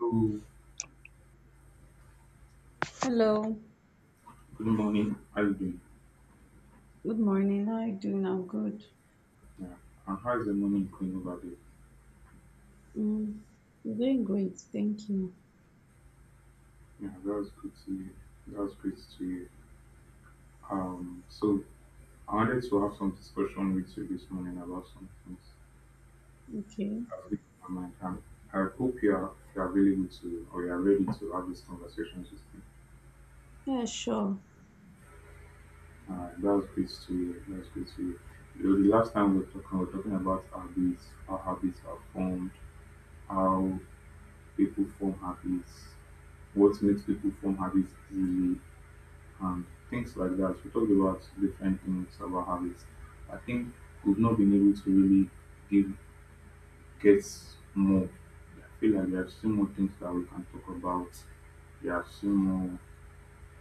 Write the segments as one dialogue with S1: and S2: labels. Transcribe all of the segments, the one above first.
S1: Oh,
S2: Hello,
S1: good morning. How you doing?
S2: good morning. How are you doing? I'm good.
S1: Yeah. And how's the morning going over there?
S2: Mm, I'm doing great, thank you.
S1: Yeah, that was good to hear. That was great to hear. So I wanted to have some discussion with you this morning about some things.
S2: Okay.
S1: I've been on my mind. And I hope you are available to or you are ready to have these conversations with me.
S2: Yeah, sure.
S1: That was great to hear. That was great to hear. You know, the last time we were talking about habits, how habits are formed, how people form habits, what makes people form habits easily and things like that. We talked about different things about habits. I think we've not been able to really give get more. I feel like there are still more things that we can talk about. There are still more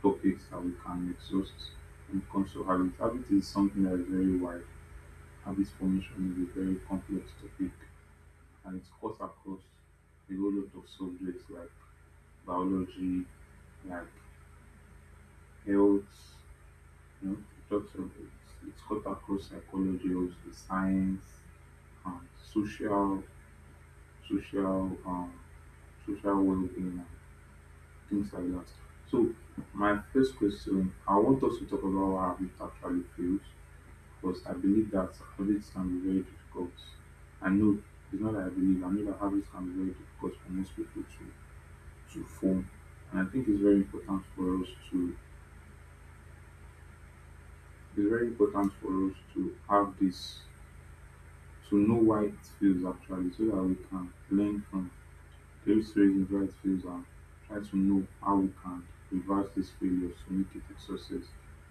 S1: topics that we can exhaust when it comes to habits. Habit is something that is very wide. Habit formation is a very complex topic and it's cuts across a whole lot of subjects like biology, like health, you know, it talks of it's cut across psychology also science social social um, social well-being and things like that. So my first question, I want us to talk about what habit actually feels, because I believe that habits can be very difficult. I know it's not that I believe, I know that habits can be very difficult for most people to form. And I think it's very important for us to it's very important for us to have this to know why it fails actually, so that we can learn from those reasons why it fails and try to know how we can reverse these failures to make it a success,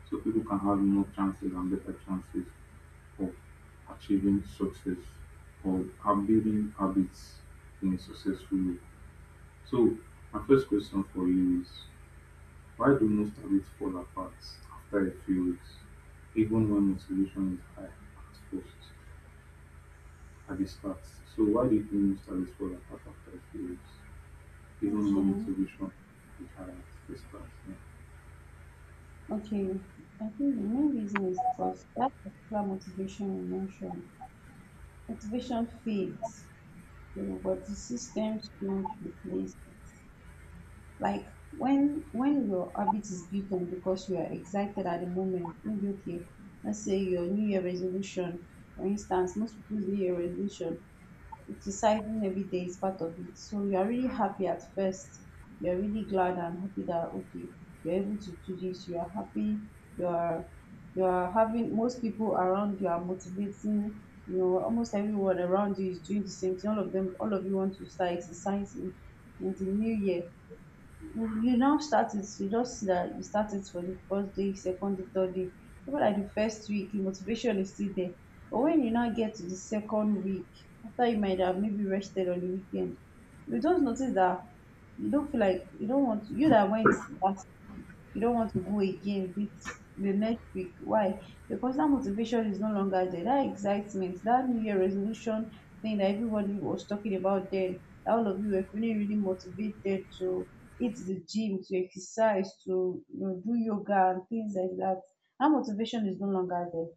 S1: so people can have more chances and better chances of achieving success or have building habits in a successful way. So my first question for you is why do most habits fall apart after a few weeks, even when motivation is high at first? At the start. So why do you think most of this fall apart after a few weeks? Even when
S2: Okay.
S1: motivation is high at the start. Yeah.
S2: Okay. I think the main reason is because that particular motivation you mentioned, motivation fades, but the systems don't replace it. Like when your habit is built on because you are excited at the moment, maybe okay, let's say your New Year resolution, for instance, most people's New Year resolution exercising every day is part of it. So you are really happy at first. You're really glad and happy that okay, you're able to do this. You are happy. You're you're having most people around you are motivating. Almost everyone around you is doing the same thing. All of them, all of you want to start exercising in the new year. You now start it. You just see that you start it for the first day, second day, third day. Over like the first week the motivation is still there, but when you now get to the second week, after you might have maybe rested on the weekend, you just notice that you don't feel like you don't want you that went that you don't want to go again with the next week. Why? Because that motivation is no longer there. That excitement, that New Year resolution thing that everybody was talking about then, that all of you were feeling really motivated to hit the gym, to exercise, to do yoga and things like that. That motivation is no longer there.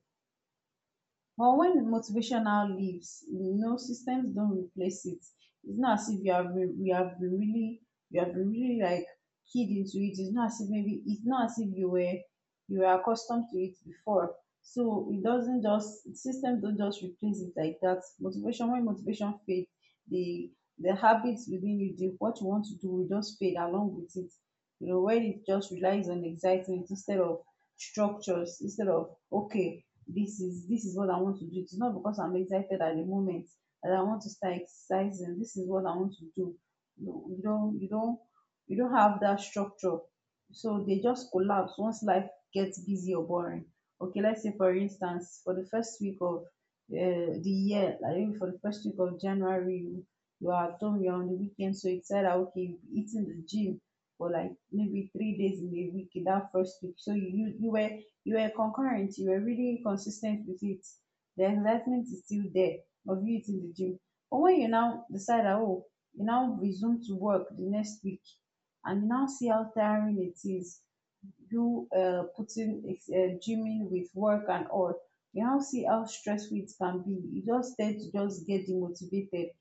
S2: But when motivational leaves, systems don't replace it. It's not as if you have been really like keyed into it. It's not as if you were accustomed to it before. So it doesn't just systems don't just replace it like that. Motivation when motivation fades, the the habits within you, the what you want to do will just fade along with it. When it just relies on excitement instead of structures, instead of okay, this is what I want to do. It is not because I'm excited at the moment that I want to start exercising. This is what I want to do. No, you don't have that structure. So they just collapse once life gets busy or boring. Okay, let's say for instance, for the first week of the year, like maybe for the first week of January, you are at home, you're on the weekend, so it's said, that okay, you'll be eating the gym for like maybe 3 days in a week in that first week. So you were really consistent with it. The excitement is still there of you in the gym. But when you now decide that, oh, you now resume to work the next week and you now see how tiring it is, you putting gymming with work and all, you now see how stressful it can be. You just tend to just get demotivated,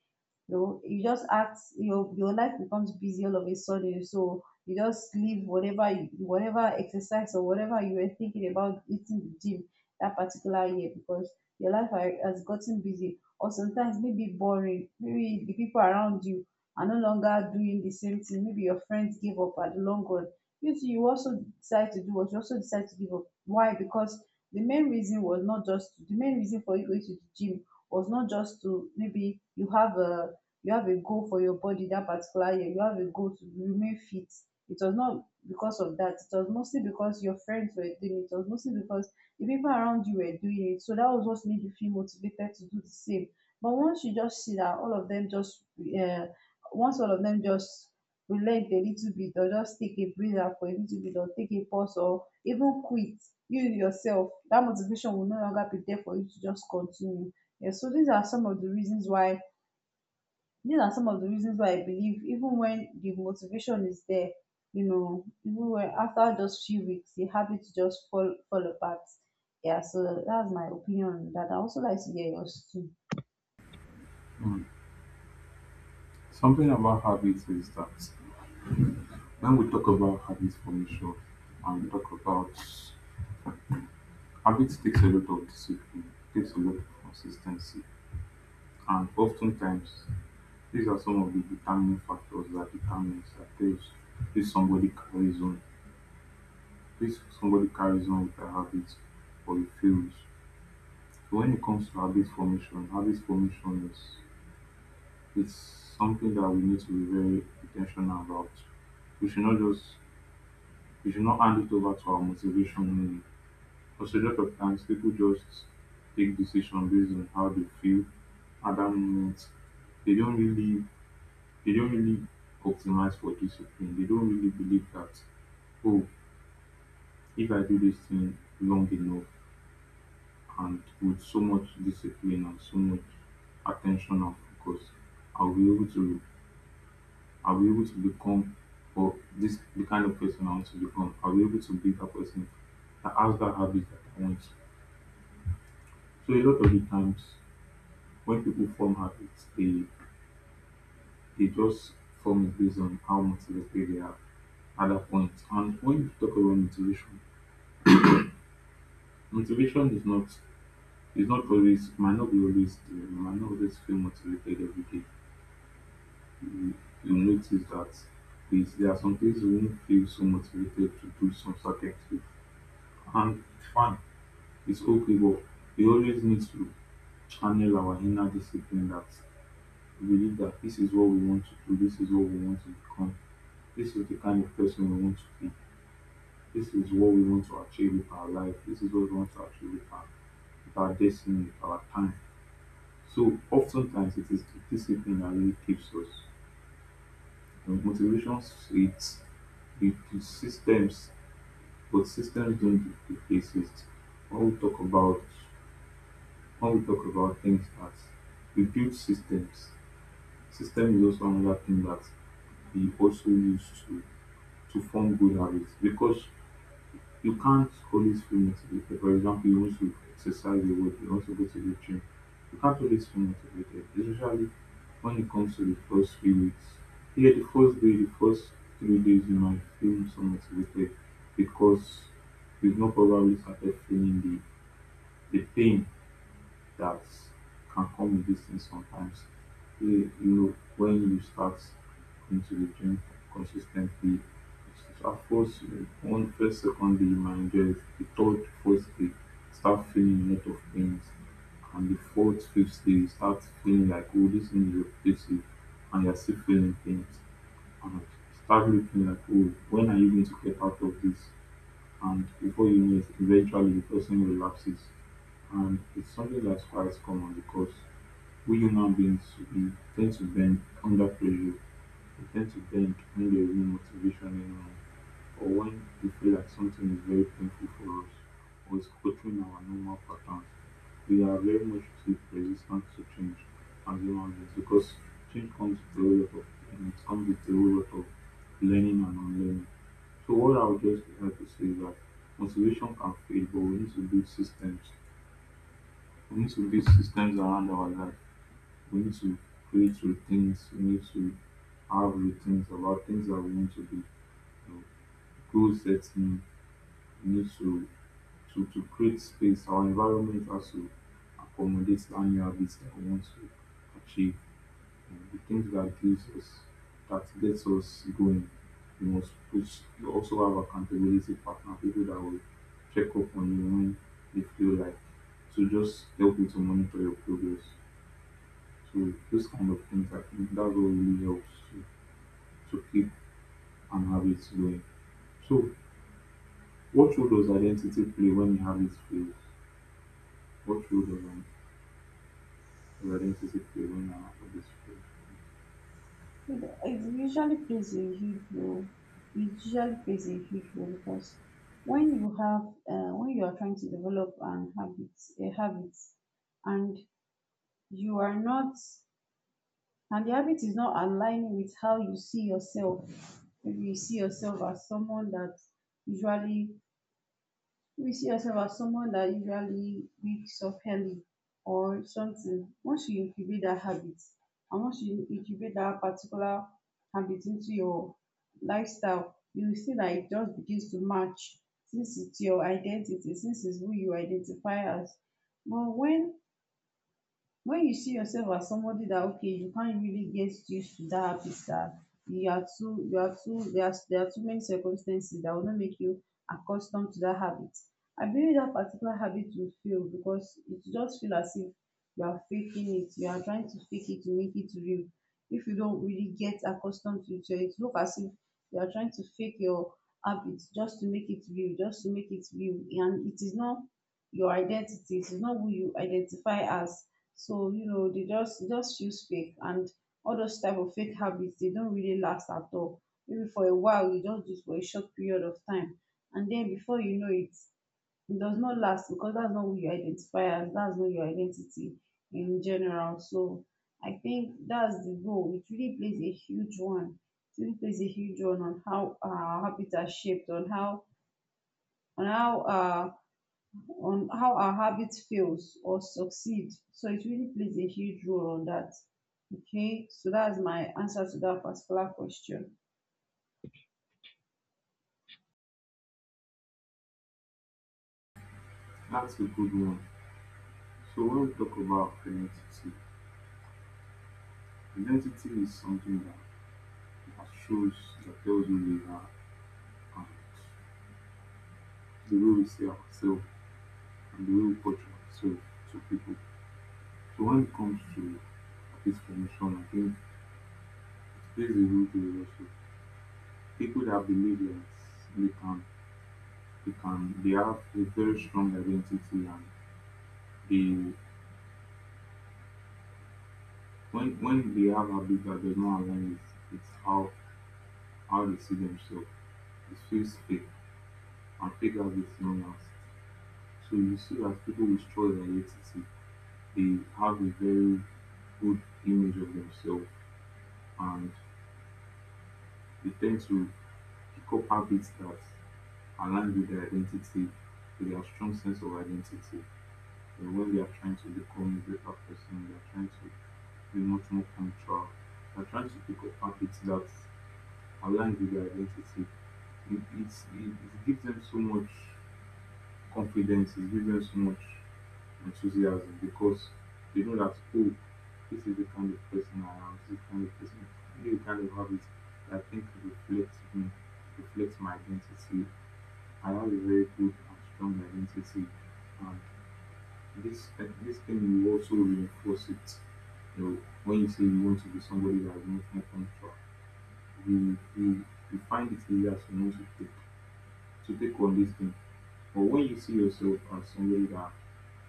S2: you just act your life becomes busy all of a sudden. So you just leave whatever exercise or whatever you were thinking about eating the gym that particular year because your life has gotten busy or sometimes maybe boring. Maybe the people around you are no longer doing the same thing. Maybe your friends give up at the long run. You too, you also decide to give up. Why? Because the main reason was not just the main reason for you going to the gym was not just to maybe you have a goal for your body that particular year. You have a goal to remain fit. It was not because of that. It was mostly because your friends were doing it. It was mostly because the people around you were doing it, so that was what made you feel motivated to do the same. But once you just see that all of them just uh, once all of them just relent a little bit, or just take a breather for a little bit, or take a pause, or even quit, you yourself, that motivation will no longer be there for you to just continue. Yeah, so these are some of the reasons why I believe even when the motivation is there, even when after just few weeks, the habits just fall apart. Yeah, so that's my opinion on that. I also like to hear yours too.
S1: Mm. Something about habits is that when we talk about habit formation and we talk about habits takes a lot of discipline, takes a lot of consistency, and oftentimes these are some of the determining factors that determines that tells if somebody carries on, if somebody carries on with a habit or he fails. So when it comes to habit formation is it's something that we need to be very intentional about. We should not just we should not hand it over to our motivation only. Because a lot of times people just take decision based on how they feel at that moment. They don't really they don't really optimize for discipline. They don't really believe that oh if I do this thing long enough and with so much discipline and so much attention and focus, I'll be able to I'll be able to become or this the kind of person I want to become. I'll be able to be that person that has that habit that I want. So a lot of the times when people form habits, they just form it based on how motivated they are at that point. And when you talk about motivation, motivation is not always might not be always there. You might not always feel motivated every day. you you notice that is there are some things you won't feel so motivated to do some certain things. And fine, it's okay, but we always need to channel our inner discipline that we believe that this is what we want to do, this is what we want to become, this is the kind of person we want to be, this is what we want to achieve with our life, this is what we want to achieve with our destiny, with our time. So oftentimes it is the discipline that really keeps us. And motivation is it is systems, but systems don't exist. When we talk about when we talk about things that we build systems, system is also another thing that we also use to form good habits, because you can't always feel motivated. For example, you want to exercise a lot, you want to go to the gym. You can't always feel motivated, especially when it comes to the first few weeks. Here, the first day, the first 3 days, you might feel so motivated because you've not probably started feeling the pain that can come with these things sometimes. You when you start into the gym consistently, it's- at first one first second day you might enjoy it, the third fourth day start feeling a lot of pains, and the fourth fifth day you start feeling like oh this thing is repetitive, and you're still feeling pains, and start looking like oh when are you going to get out of this? And before you know it, eventually the person relapses. And it's something that's quite common because we human beings we tend to bend under pressure. We tend to bend when there is no motivation anymore, or when we feel like something is very painful for us, or is altering our normal patterns. We are very much too resistant to change as human beings because change comes with a whole lot of, and it comes with a whole lot of learning and unlearning. So what I would just like to say is that motivation can fade, but we need to build systems. We need to build systems around our life. We need to create routines. We need to have routines about things that we need to do. You know, goal setting. We need to create space. Our environment has to accommodate the new habits that we want to achieve. The things that gives us that gets us going. You must push you also have accountability partner, people that will check up on you when they feel like to just help you to monitor your progress. So those kind of things I think that's what really helps to keep an habit going. So what role does identity play when your habit fails? What role does an- does identity play when your habit fails?
S2: It usually plays a huge role. It usually plays a huge role because when you have when you are trying to develop an habit a habit and you are not and the habit is not aligning with how you see yourself. Maybe you see yourself as someone that usually maybe you see yourself as someone that usually wakes up early or something. Once you incubate that habit, and once you incubate that particular habit into your lifestyle, you will see that it just begins to match, since it's your identity, since it's who you identify as. But when you see yourself as somebody that okay, you can't really get used to that happy star, you are too there are too many circumstances that will not make you accustomed to that habit, I believe that particular habit will fail because it just feel as if you are faking it. You are trying to fake it to make it real. If you don't really get accustomed to it, it look as if you are trying to fake your habit just to make it real, just to make it real, and it is not your identity, it is not who you identify as. So they just e just feels fake, and all those type of fake habits, they don't really last at all. Maybe for a while you just do it for a short period of time, and then before you know it, it does not last, because that's not who you identify as, that's not your identity in general. So I think that's the role. It really plays a huge one. It really plays a huge one on how habits are shaped, on how uh on how our habit fails or succeed. So it really plays a huge role on that. Okay, so that's my answer to that particular question.
S1: That's a good one. So when we talk about identity, identity is something that, that shows, that tells who we are and the way we see ourselves and the way we portray ourselves to people. So when it comes to this formation, I think it plays a huge role also. People that believe that they can, they have a very strong identity and they, when they have a bit that does not align with how they see themselves, it feels fake and fake as it known as. So you see that people with strong identity, they have a very good image of themselves and they tend to pick up habits that align with their identity, with their strong sense of identity. And when they are trying to become a better person, they are trying to be much more punctual. They are trying to pick up habits that align with their identity. It gives them so much confidence is giving so much enthusiasm because they know that oh this is the kind of person I am, this is the kind of person I the kind of habits that I think reflects me, reflects my identity. I have a very good and strong identity and this thing will also reinforce it. You know, when you say you want to be somebody that is much more punctual, you, you, you find it easier to know to take on this thing. But when you see yourself as somebody that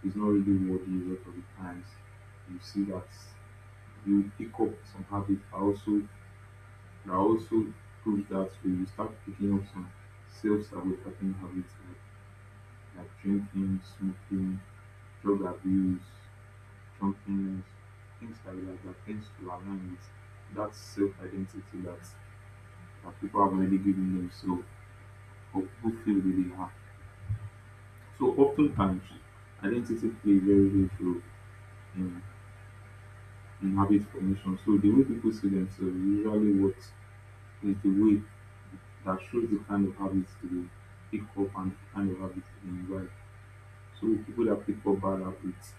S1: is not really worthy a lot of the times, you see that you pick up some habits that also prove that way. You start picking up some self-sabotaging habits like drinking, smoking, drug abuse, drunkenness, things like that that tends to align with that self-identity that, that people have already given themselves or people feel that they are. So oftentimes identity plays a very huge role in, in habit formation. So the way people see themselves is usually what is the way that shows the kind of habits they pick up and the kind of habits they invite. So people that pick up bad habits,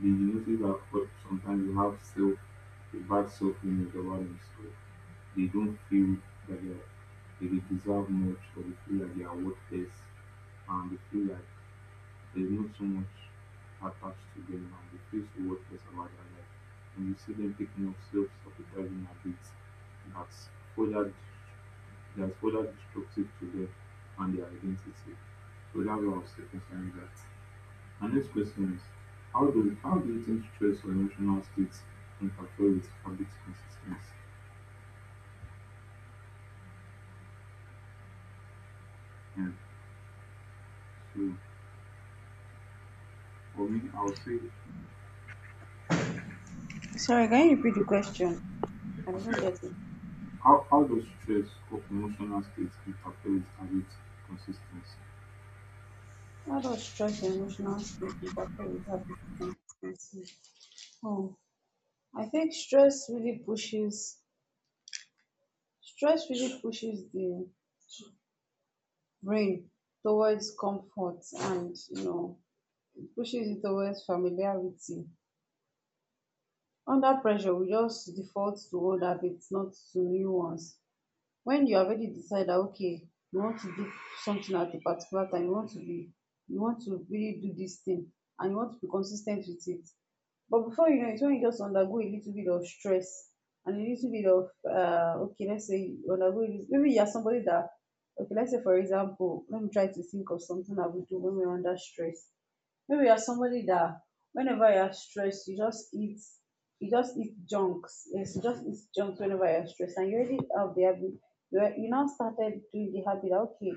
S1: they notice that sometimes they have self a bad self image about themselves. They don't feel that they, are- they deserve much or they feel like they are worthless and they feel like there's not so much attached to them now. They feel so worthless about their life. And you see them picking up self-sabotaging habits that's further that's further destructive to them and their identity. So that's what I was saying that. My next question is how do you think stress or emotional states interfere with habit consistency? And so for me I would say
S2: Sorry, can you repeat the question? I
S1: I
S2: didn't
S1: said
S2: get it.
S1: how does stress or emotional states interfere with habit consistency?
S2: How does stress and emotional state interfere with habit consistency? Oh, I think stress really pushes the brain towards comfort, and it pushes it towards familiarity. Under pressure, we just default to old habits, not to new ones. When you already decide that okay, you want to do something at a particular time, you want to really do this thing, and you want to be consistent with it. But before you know it, when you just undergo a little bit of stress and a little bit of okay, let's say you undergo this. Maybe you are somebody that Okay, let's say for example, let me try to think of something I would do when we're under stress. Maybe you're somebody that whenever you're stressed, you just eat junks. Yes, you just eat junks whenever you're stressed, and you already have the habit. You you now started doing the habit that, okay,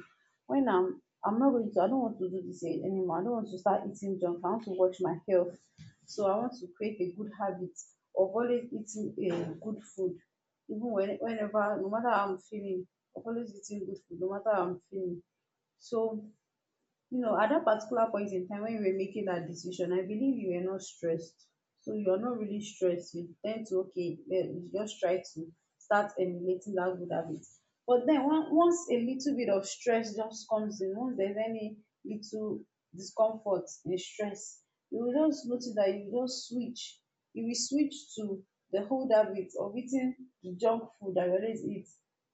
S2: when I don't want to do this anymore. I don't want to start eating junk. I want to watch my health. So I want to create a good habit of always eating a good food. Even when whenever No matter how I'm feeling, of always eating good food, no matter how I'm feeling. So at that particular point in time when you were making that decision, I believe you were not stressed. So you're not really stressed, you tend to okay, then you just try to start emulating that good habit. But then once a little bit of stress just comes in, once there's any little discomfort and stress, you will just notice that you will switch to the whole habit of eating the junk food that you always eat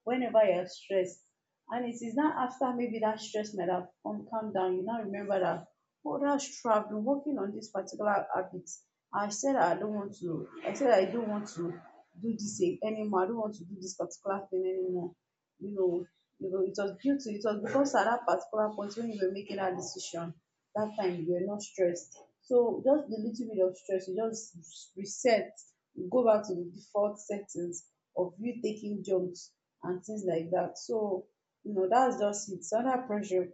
S2: whenever you're stressed. And it is not after maybe that stress might have come down, you now remember that, oh, that's true. I've been working on this particular habit. I said I don't want to, I said I don't want to do this anymore. I don't want to do this particular thing anymore. You know, it was it was because at that particular point when you were making that decision, that time you were not stressed. So just the little bit of stress, you just reset, you go back to the default settings of you taking jumps and things like that. So no, that's just it. Under pressure,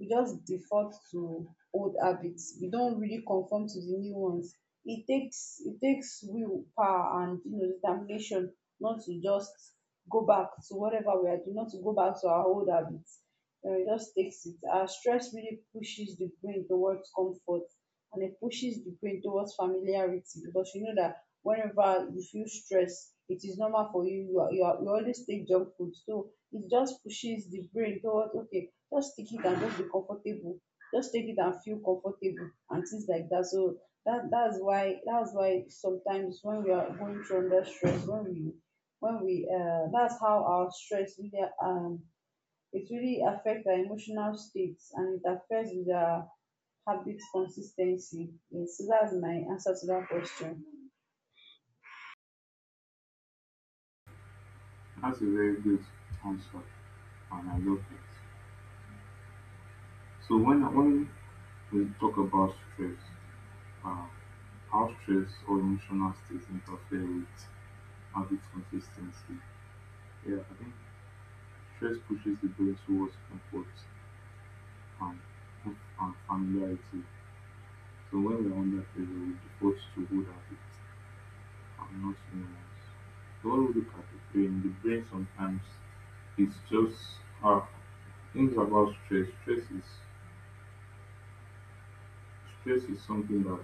S2: we just default to old habits. We don't really conform to the new ones. It takes willpower and determination not to just go back to whatever we are doing, not to go back to our old habits. It just takes it. Our stress really pushes the brain towards comfort and it pushes the brain towards familiarity because you know that whenever you feel stress, it is normal for you. You always take junk food. So it just pushes the brain towards, okay, just take it and just be comfortable, just take it and feel comfortable and things like that. So that's why sometimes when we are going through under stress, when we that's how our stress really it really affects our emotional states and it affects the habit consistency. Yes, so that's my answer to that question.
S1: That's a very good answer, and I love it. So when we talk about stress, uh, how stress or emotional states interfere with habit consistency, yeah, I think stress pushes the brain towards comfort and, familiarity. So when we are under pressure, we default to good habits and not new ones. So when we look at the brain sometimes is just uh, things about stress. Stress is something that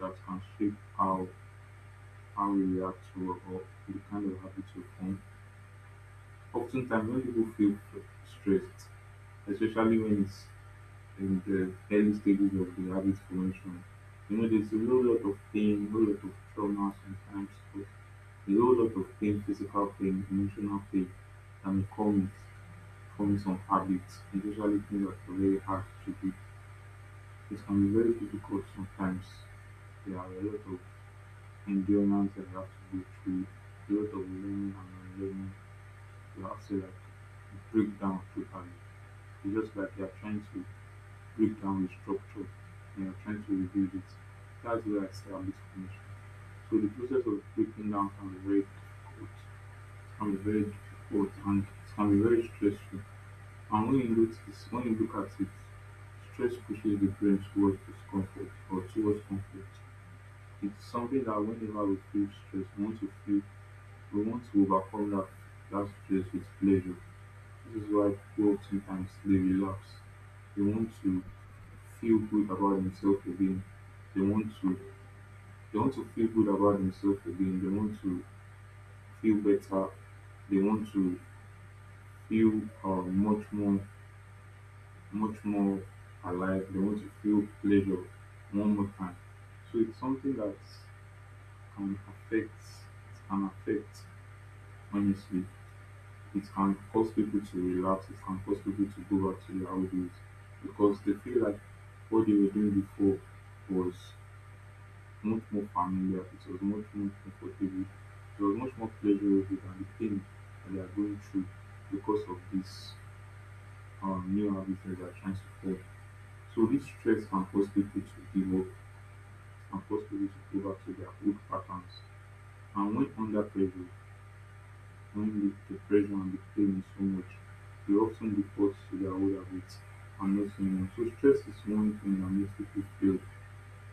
S1: can shape how we react to or the kind of habits we form. Oftentimes, when people feel stressed, especially when it's in the early stages of the habit formation, you know, there's a whole lot of pain, a whole lot of trauma sometimes, but a whole lot of pain, physical pain, emotional pain that may come with forming some habits, especially things that are very hard to do. It can be very difficult sometimes. There are a lot of endurance and oxygen-free load of learning and unlearning to accelerate, break down totally. It's just like you're trying to break down the structure and you're trying to rebuild it. That's where I say I'm a bit finished. So the process of breaking down can be very difficult, it can be very difficult and it can be very stressful. And when you notice, when you look at it, stress pushes the brain towards discomfort or towards conflict. It's something that whenever we feel stress, we want to overcome that, stress with pleasure. This is why cruelty and slavery lapse. They want to feel good about themselves again. They want to they want to feel good about themselves again. They want to feel better. They want to feel much more alive. They want to feel pleasure one more time. So it's something that can affect can affect, honestly, it can cause people to relapse, it can cause people to go back to their old ways because they feel like what they were doing before was much more familiar, it was much more comfortable, it was much more pleasurable than the pain that they are going through because of this new habit that they are trying to form. So this stress can cause people to give up, it can cause people to go back to their old patterns. And when under pressure, When conflict, depression and the pain is so much, we often default to the older habits and not new. So stress is one thing that makes people feel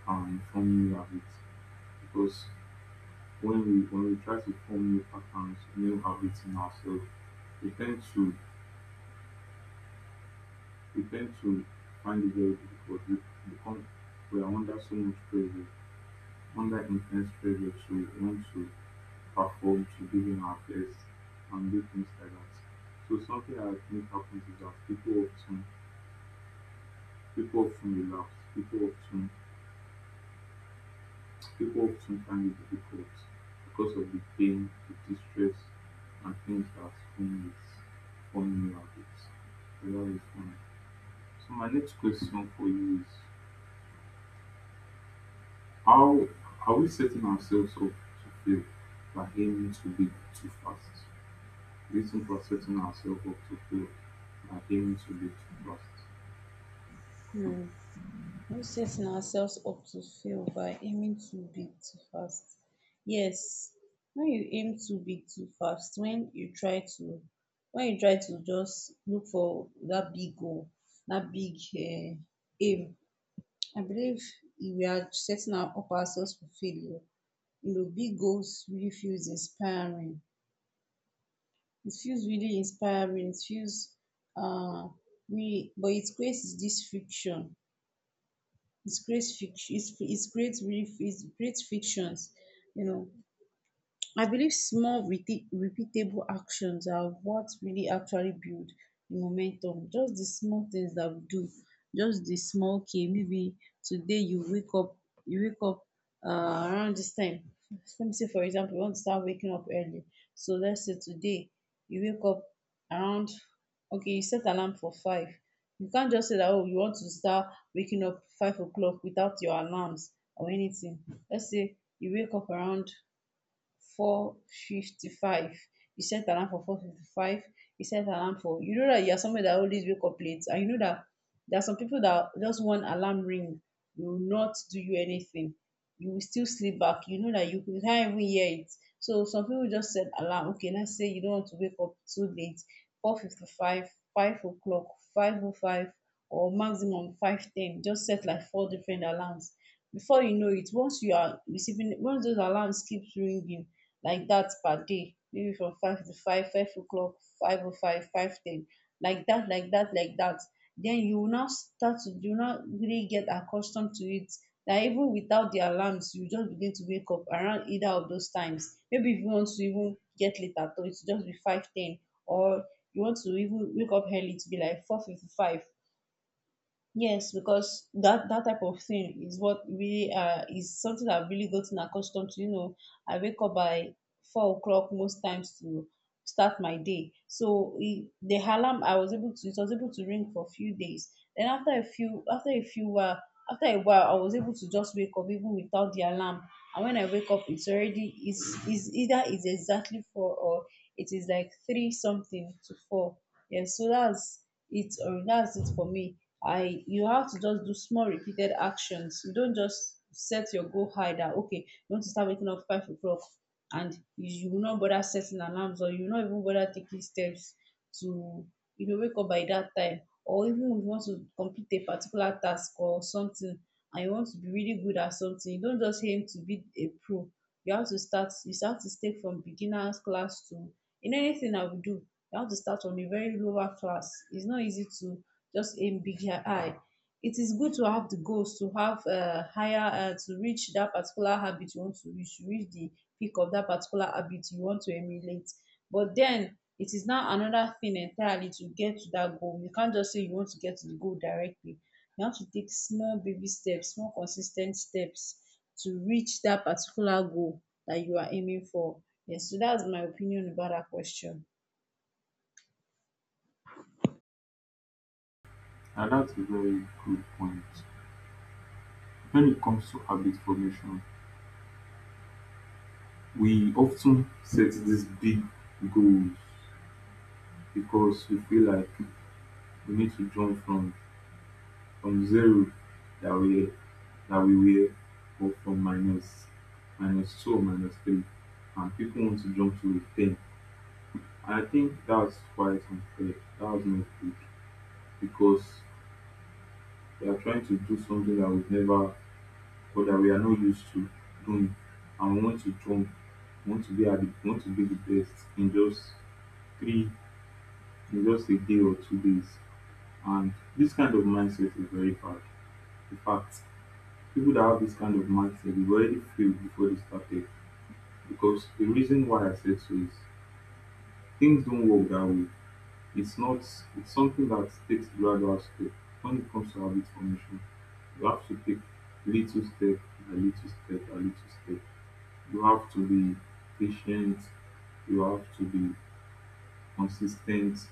S1: and form new habits because when we try to form new patterns, new habits in ourselves, we tend to we tend to find it very difficult. Become we are under so much pressure, under intense pressure to want to perform, to give in our best and do things like that. So something that I think happens is that people often relapse. People often find it difficult because of the pain, the distress, and things that form with forming new habits. So that is fine. So my next question for you is how are we setting ourselves up to fail by aiming to be too fast? Do think we're setting ourselves up to fail by aiming to be too fast?
S2: Hmm. We setting ourselves up to fail by aiming too big too fast? Yes. When you aim too big too fast, when you try to just look for that big goal, that big um aim, I believe we are setting our up ourselves for failure. Big goals really feels inspiring, it feels really inspiring, it feels um we but it creates this friction. It creates fic- it creates really it creates fictions, you know. I believe small repeatable actions are what really actually build the momentum. Just the small things that we do, just the small key. Maybe today you wake up uh, around this time. Let me say, for example, you want to start waking up early. So let's say today you wake up around, okay, you set alarm for five. You can't just say that, oh, you want to start waking up 5 o'clock without your alarms or anything. Let's say you wake up around 4:55. You set alarm for 4:55. You set alarm for You know that you are somebody that always wake up late, and you know that there are some people that just one alarm ring will not do you anything. You will still sleep back, you know that you can't even hear it. So some people just set alarm. Okay, let's say you don't want to wake up too late: four fifty-five, five o'clock, 5:05, or maximum 5:10. Just set like four different alarms. Before you know it, once you are receiving once those alarms keeps ringing like that per day, maybe from five to five, 5 o'clock, five o five, 5:10, like that, like that, like that. Then you will now start to you now really get accustomed to it, that even without the alarms, you just begin to wake up around either of those times. Maybe if you want to even get late at all, it's just be 5:10, or you want to even wake up early to be like 4:55. Yes, because that type of thing is what really is something I've really gotten accustomed to. You know, I wake up by 4 o'clock most times to start my day. So it, the alarm I was able to it was able to ring for a few days. Then after a while I was able to just wake up even without the alarm. And when I wake up, it's already it's either it's exactly four or it is like three something to four. Yeah, so that's it for me. I You have to just do small repeated actions. You don't just set your goal high that, okay, you want to start waking up 5 o'clock and you will not bother setting alarms or you will not even bother taking steps to wake up by that time. Or even if you want to complete a particular task or something and you want to be really good at something, you don't just aim to be a pro. You have to start, you have to stay from beginners class to, in anything I will do, you have to start from a very lower class. It's not easy to just aim big high. It is good to have the goals, to have higher, to reach that particular habit you want to reach the peak of that particular habit you want to emulate. But then it is now another thing entirely to get to that goal. You can't just say you want to get to the goal directly. You have to take small baby steps, small consistent steps, to reach that particular goal that you are aiming for. Yes, so that's my opinion about that question.
S1: Now that's a very good point. When it comes to habit formation, we often set these big goals because we feel like we need to jump from zero that we were, or from minus, minus two or minus three, and people want to jump to a ten. And I think that's quite unfair. That's not good because we are trying to do something that we've never or that we are not used to doing, and we want to jump, we want to be the best in just three, in just a day or 2 days. And this kind of mindset is very bad. In fact, people that have this kind of mindset, they've already failed before they started. Because the reason why I said so is things don't work that way. It's not, it's something that takes gradual step. When it comes to habit formation, you have to take little step by little step by little step. You have to be patient, you have to be consistent,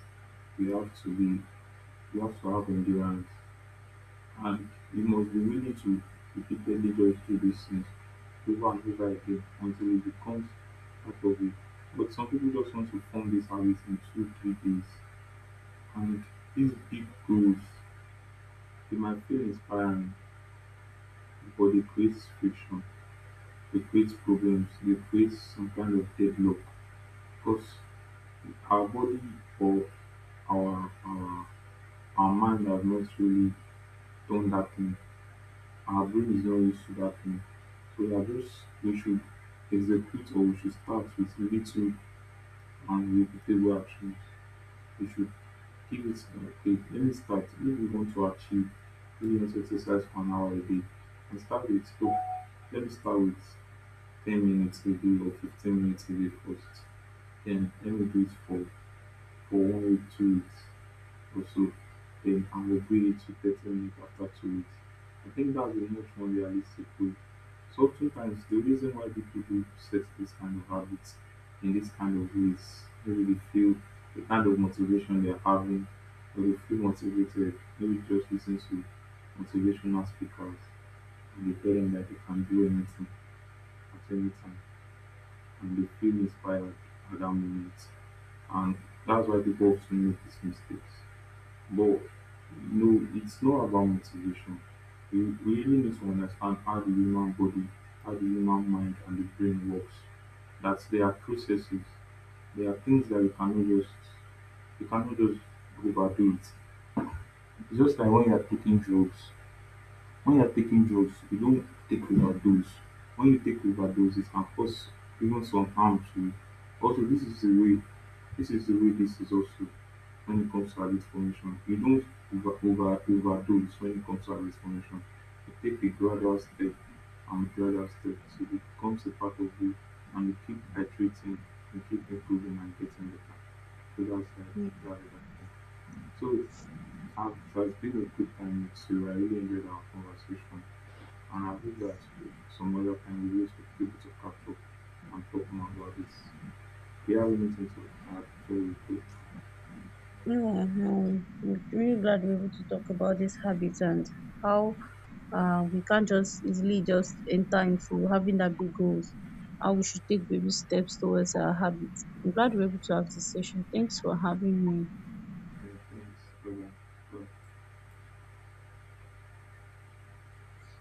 S1: you have to be, you have to have endurance, and you must be willing to repeatedly go through these things over and over again until it becomes part of you. But some people just want to form this habit in two, 3 days. And these big goals, they might feel inspiring, but they create friction, they create problems, they create some kind of deadlock. Because our body or our, our, our mind have not really done that thing. Our brain is not used to that thing. So we are just, we should execute, or we should start with little and repeatable actions. We should give it okay, let me start. If we want to achieve, let me exercise for an hour a day. And start with, oh, let me start with 10 minutes a day or 15 minutes a day first. Then let me do it for 1 week, 2 weeks also, then I will grade it to 30 minutes after 2 weeks. I think that's a much more realistic way. So oftentimes the reason why people do set this kind of habits in this kind of ways, maybe they feel the kind of motivation they're having, or they feel motivated, maybe just listen to motivational speakers and they tell them that they can do anything at any time and they feel inspired at that moment. And that's why people often make these mistakes. But no, it's not about motivation. We really need to understand how the human body, how the human mind, and the brain works. That there are processes, there are things that you cannot just overdo it. It's just like when you're taking drugs, you don't take overdose. When you take overdose, it can cause even some harm to you. Also, this is the way, this is also when it comes to habit formation. You don't overdose when it comes to habit formation. You take a gradual step and gradual step, so it becomes a part of you, and you keep iterating, you keep improving and getting better. So that's like, that's like. So, it has been a good time with you. I really enjoyed our conversation. And Anavyowaasili Somalia kuangalia kipindi cha Afro Anthropomorphism. Here we meet into our story to
S2: No, no, I'm really glad we're able to talk about these habits and how we can't just easily just enter into having that big goals, how we should take baby steps towards our habits. I'm glad we're able to have this session. Thanks for having me.
S1: the things present.